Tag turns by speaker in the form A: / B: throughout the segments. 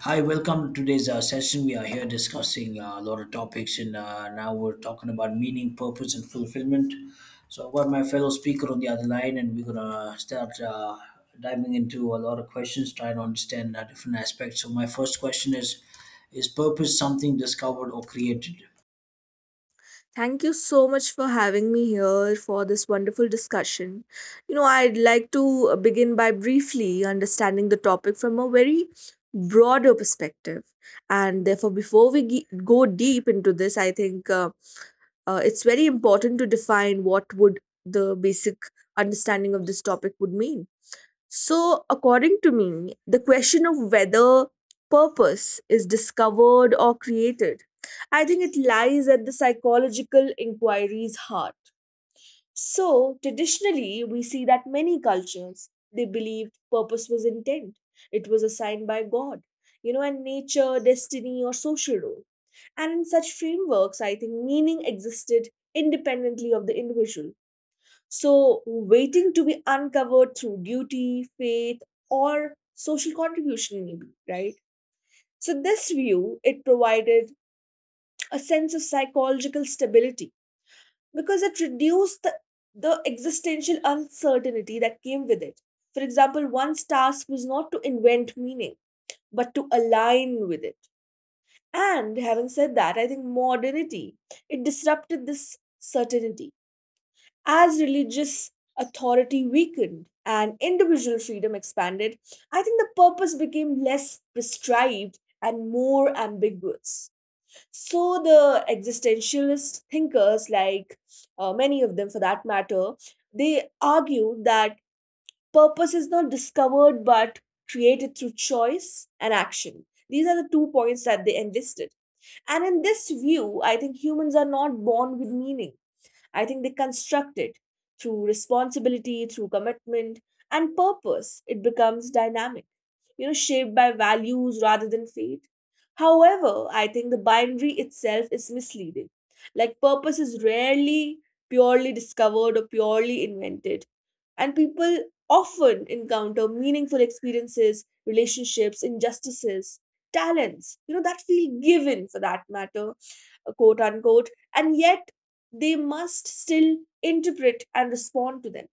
A: Hi, welcome to today's session. We are here discussing a lot of topics, and now we're talking about meaning, purpose, and fulfillment. So, I've got my fellow speaker on the other line, and we're gonna start diving into a lot of questions, trying to understand different aspects. So, my first question is: Is purpose something discovered or created?
B: Thank you so much for having me here for this wonderful discussion. You know, I'd like to begin by briefly understanding the topic from a very broader perspective. And therefore, before go deep into this, I think it's very important to define what would the basic understanding of this topic would mean. So, according to me, the question of whether purpose is discovered or created, I think it lies at the psychological inquiry's heart. So, traditionally, we see that many cultures they believed purpose was intent, it was assigned by God, you know, and nature, destiny, or social role. And in such frameworks, I think meaning existed independently of the individual so, waiting to be uncovered through duty, faith, or social contribution, maybe, right? So, this view it provided a sense of psychological stability because it reduced the existential uncertainty that came with it. For example, one's task was not to invent meaning, but to align with it. And having said that, I think modernity it disrupted this certainty. As religious authority weakened and individual freedom expanded, I think the purpose became less prescribed and more ambiguous. So the existentialist thinkers, like many of them for that matter, they argue that purpose is not discovered but created through choice and action. These are the two points that they enlisted. And in this view, I think humans are not born with meaning. I think they construct it through responsibility, through commitment, and purpose. It becomes dynamic, you know, shaped by values rather than fate. However, I think the binary itself is misleading. Like, purpose is rarely purely discovered or purely invented. And people often encounter meaningful experiences, relationships, injustices, talents, you know, that feel given for that matter, quote unquote. And yet, they must still interpret and respond to them.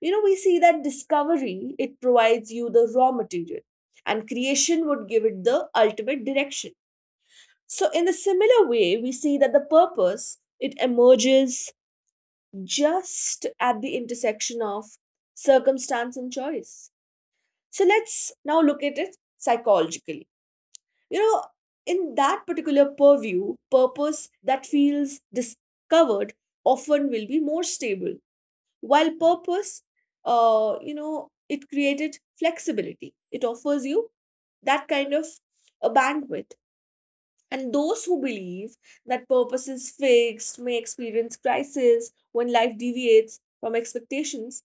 B: You know, we see that discovery, it provides you the raw material, and creation would give it the ultimate direction. So, in a similar way, we see that the purpose it emerges just at the intersection of circumstance and choice. So, let's now look at it psychologically. You know, in that particular purview, purpose that feels discovered often will be more stable, while purpose, you know, it created flexibility, it offers you that kind of a bandwidth. And those who believe that purpose is fixed may experience crisis when life deviates from expectations.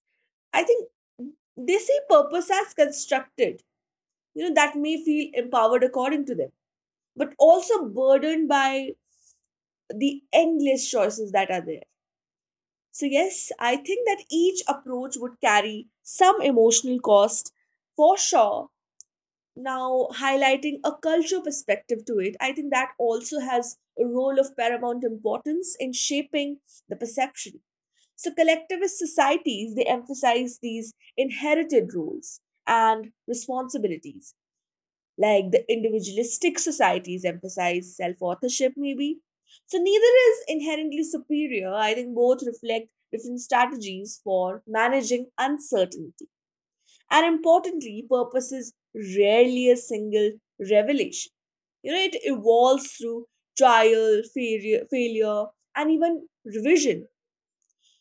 B: I think they see purpose as constructed, you know, that may feel empowered according to them, but also burdened by the endless choices that are there. So, yes, I think that each approach would carry some emotional cost for sure. Now, highlighting a cultural perspective to it, I think that also has a role of paramount importance in shaping the perception. So, collectivist societies they emphasize these inherited roles and responsibilities, like the individualistic societies emphasize self authorship, maybe. So, neither is inherently superior. I think both reflect different strategies for managing uncertainty. And importantly, purpose is rarely a single revelation. You know, it evolves through trial, failure, failure and even revision,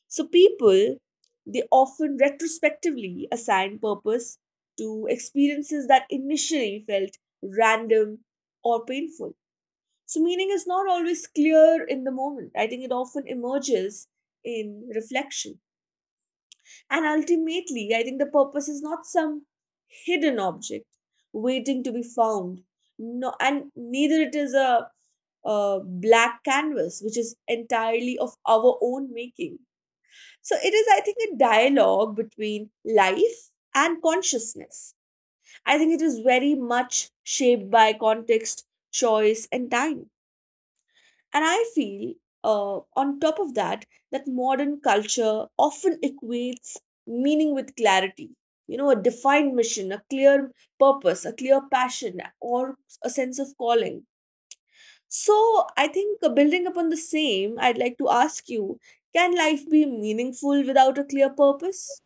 B: so people they often retrospectively assign purpose to experiences that initially felt random or painful. So meaning is not always clear in the moment. I think it often emerges in reflection. And ultimately, I think the purpose is not some hidden object waiting to be found. No, and neither it is a black canvas which is entirely of our own making, so it is, I think, a dialogue between life and consciousness. I think it is very much shaped by context, choice, and time. And I feel, on top of that, that modern culture often equates meaning with clarity. You know, a defined mission, a clear purpose, a clear passion, or a sense of calling. So, I think building upon the same, I'd like to ask you, can life be meaningful without a clear purpose?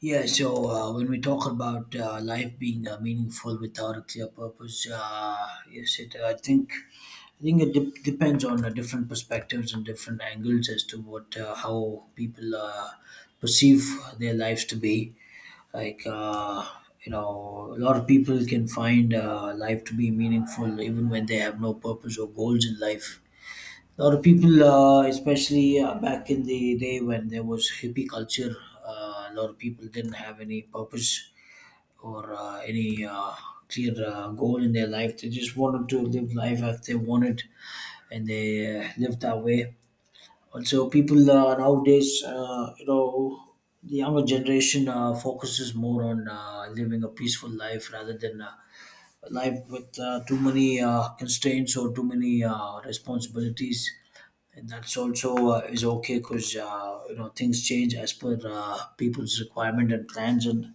A: Yeah, so when we talk about life being meaningful without a clear purpose, yes, it. I think it depends on different perspectives and different angles as to what how people perceive their lives to be. Like you know, a lot of people can find life to be meaningful even when they have no purpose or goals in life. A lot of people, especially back in the day when there was hippie culture, a lot of people didn't have any purpose or any clear goal in their life. They just wanted to live life as they wanted, and they lived that way. Also, people nowadays, you know, the younger generation focuses more on living a peaceful life rather than a life with too many constraints or too many responsibilities, and that's also is okay, because you know things change as per people's requirement and plans, and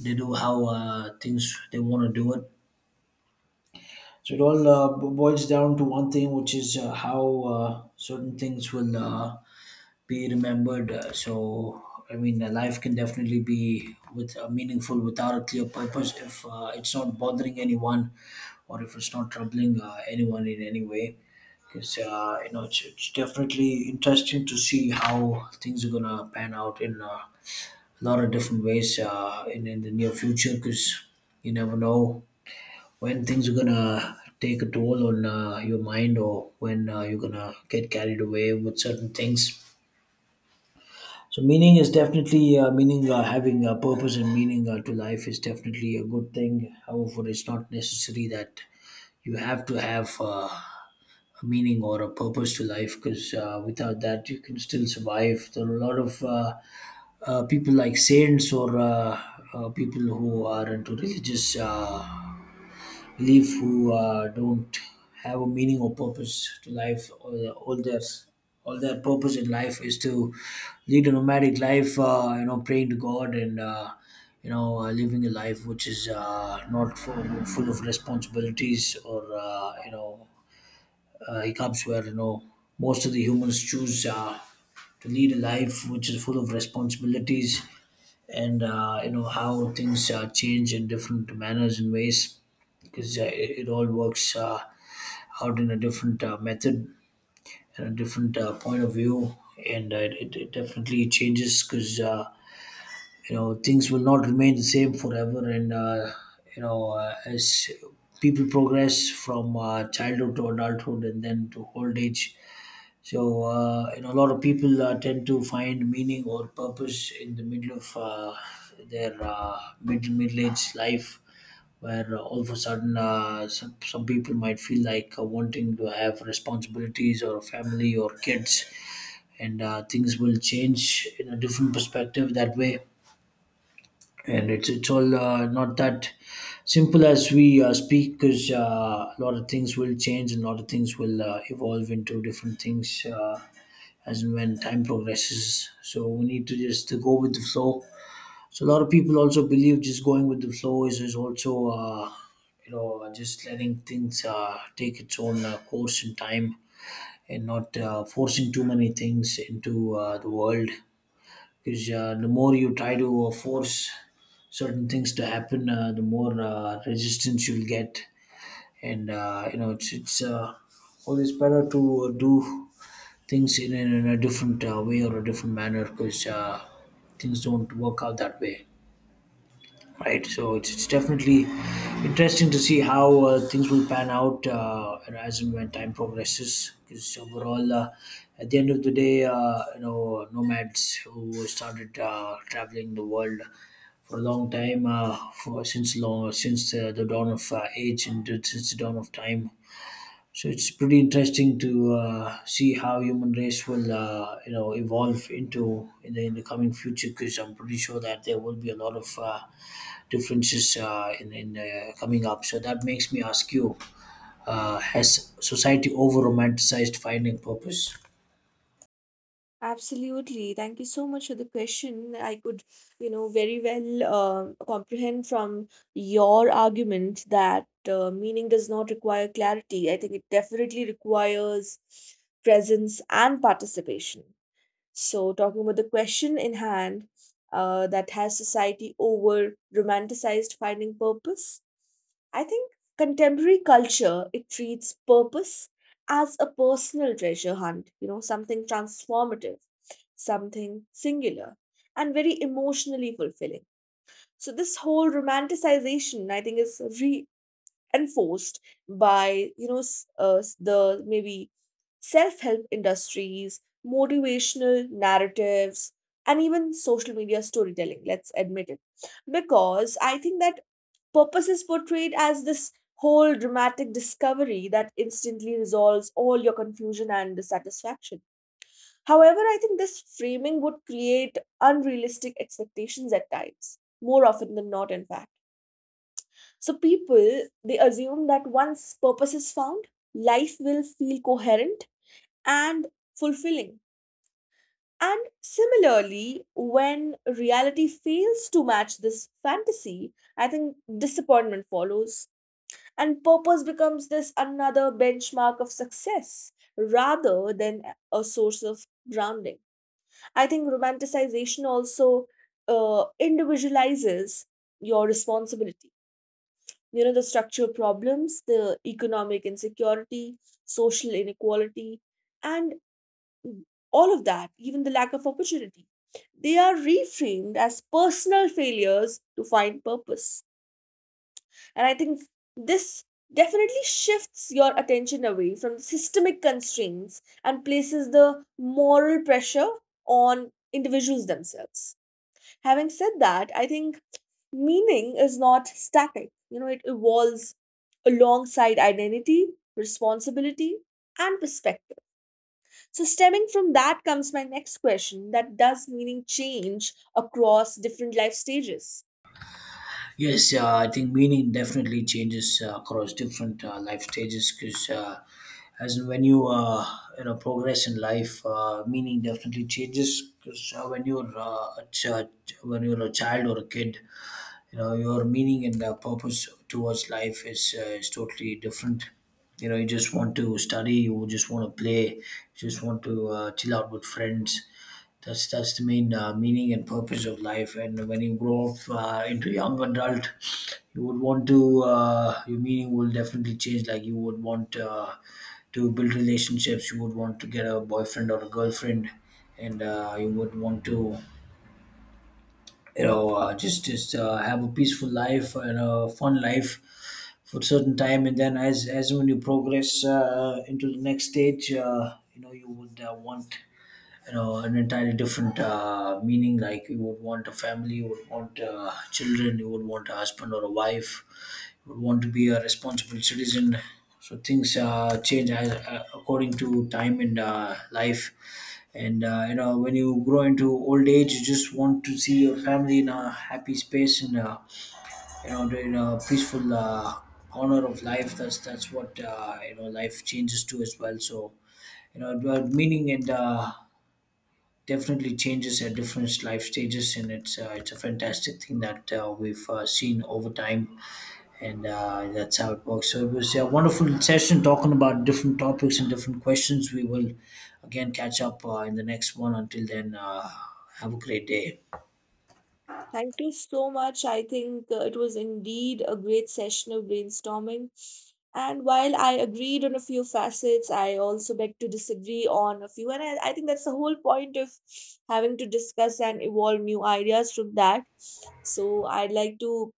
A: they do how things they want to do it. So it all boils down to one thing, which is how certain things will be remembered. So, I mean, life can definitely be with meaningful without a clear purpose if it's not bothering anyone or if it's not troubling anyone in any way. Because you know, it's definitely interesting to see how things are gonna pan out in a lot of different ways in the near future. Because you never know when things are gonna take a toll on your mind, or when you're gonna get carried away with certain things. So meaning is definitely meaning having a purpose and meaning to life is definitely a good thing. However, it's not necessary that you have to have a meaning or a purpose to life, because without that you can still survive. There are a lot of people like saints, or people who are into religious. Belief who don't have a meaning or purpose to life, or all their purpose in life is to lead a nomadic life, you know, praying to god, and you know, living a life which is not full, full of responsibilities, or you know, hiccups, where you know most of the humans choose to lead a life which is full of responsibilities. And you know, how things change in different manners and ways, because it all works out in a different method and a different point of view. And it definitely changes, because you know, things will not remain the same forever. And you know, as people progress from childhood to adulthood and then to old age, so, you know, a lot of people tend to find meaning or purpose in the middle of their middle age life, where all of a sudden some people might feel like wanting to have responsibilities or a family or kids, and things will change in a different perspective that way. And it's all not that simple as we speak, because a lot of things will change and a lot of things will evolve into different things, as and when time progresses. So we need to just go with the flow. So a lot of people also believe just going with the flow is also, you know, just letting things take its own course in time, and not forcing too many things into the world. Because the more you try to force certain things to happen, the more resistance you'll get. And, you know, it's always better to do things in a different way or a different manner, because things don't work out that way, right? So it's definitely interesting to see how things will pan out, and as and when time progresses, because overall at the end of the day, you know, nomads who started traveling the world for a long time, since long, since the dawn of age and since the dawn of time. So it's pretty interesting to see how human race will you know evolve into in the coming future, because I'm pretty sure that there will be a lot of differences in coming up. So that makes me ask you: Has society over romanticized finding purpose?
B: Absolutely. Thank you so much for the question. I could, you know, very well comprehend from your argument that meaning does not require clarity. I think it definitely requires presence and participation. So, talking about the question in hand, that has society over romanticized finding purpose? I think contemporary culture it treats purpose as a personal treasure hunt, you know, something transformative, something singular, and very emotionally fulfilling. So this whole romanticization, I think, is re enforced by, you know, the, maybe, self-help industries, motivational narratives, and even social media storytelling, let's admit it, because I think that purpose is portrayed as this whole dramatic discovery that instantly resolves all your confusion and dissatisfaction. However, I think this framing would create unrealistic expectations at times, more often than not in fact. So people they assume that once purpose is found, life will feel coherent and fulfilling. And similarly, when reality fails to match this fantasy, I think disappointment follows and purpose becomes this another benchmark of success rather than a source of grounding. I think romanticization also individualizes your responsibility. You know, the structural problems, the economic insecurity, social inequality, and all of that, even the lack of opportunity, they are reframed as personal failures to find purpose. And I think this definitely shifts your attention away from systemic constraints and places the moral pressure on individuals themselves. Having said that, I think meaning is not static. You know, it evolves alongside identity, responsibility, and perspective. So stemming from that comes my next question, that does meaning change across different life stages?
A: Yes, I think meaning definitely changes across different life stages, because as in when you you know progress in life, meaning definitely changes, because when you're a child or a kid, you know your meaning and purpose towards life is totally different. You know, you just want to study, you just want to play, you just want to chill out with friends. That's the main meaning and purpose of life. And when you grow up into young adult, you would want to your meaning will definitely change. Like, you would want to build relationships. You would want to get a boyfriend or a girlfriend, and you would want to you know just have a peaceful life and a fun life for a certain time. And then as when you progress into the next stage, you know, you would want, you know, an entirely different meaning, like you would want a family, you would want children, you would want a husband or a wife, you would want to be a responsible citizen. So things change as, according to time and life. And you know, when you grow into old age, you just want to see your family in a happy space, and you know, in a peaceful corner of life. That's what you know life changes to as well. So you know the meaning and definitely changes at different life stages, and it's a fantastic thing that we've seen over time, and that's how it works. So it was a wonderful session talking about different topics and different questions. We will again catch up in the next one. Until then, have a great day.
B: Thank you so much. I think it was indeed a great session of brainstorming. And while I agreed on a few facets, I also beg to disagree on a few. And I think that's the whole point of having to discuss and evolve new ideas from that. So I'd like to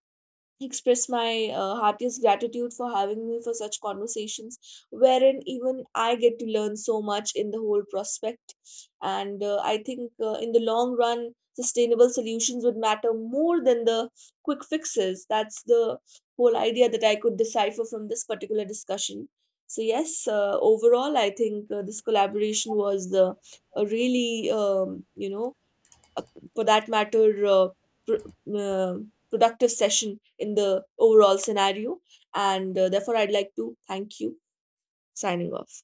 B: express my heartiest gratitude for having me for such conversations, wherein even I get to learn so much in the whole prospect. And I think in the long run sustainable solutions would matter more than the quick fixes. That's the whole idea that I could decipher from this particular discussion. So yes, overall I think this collaboration was a really you know uh, for that matter, pr- uh, productive session in the overall scenario. And therefore, I'd like to thank you. Signing off.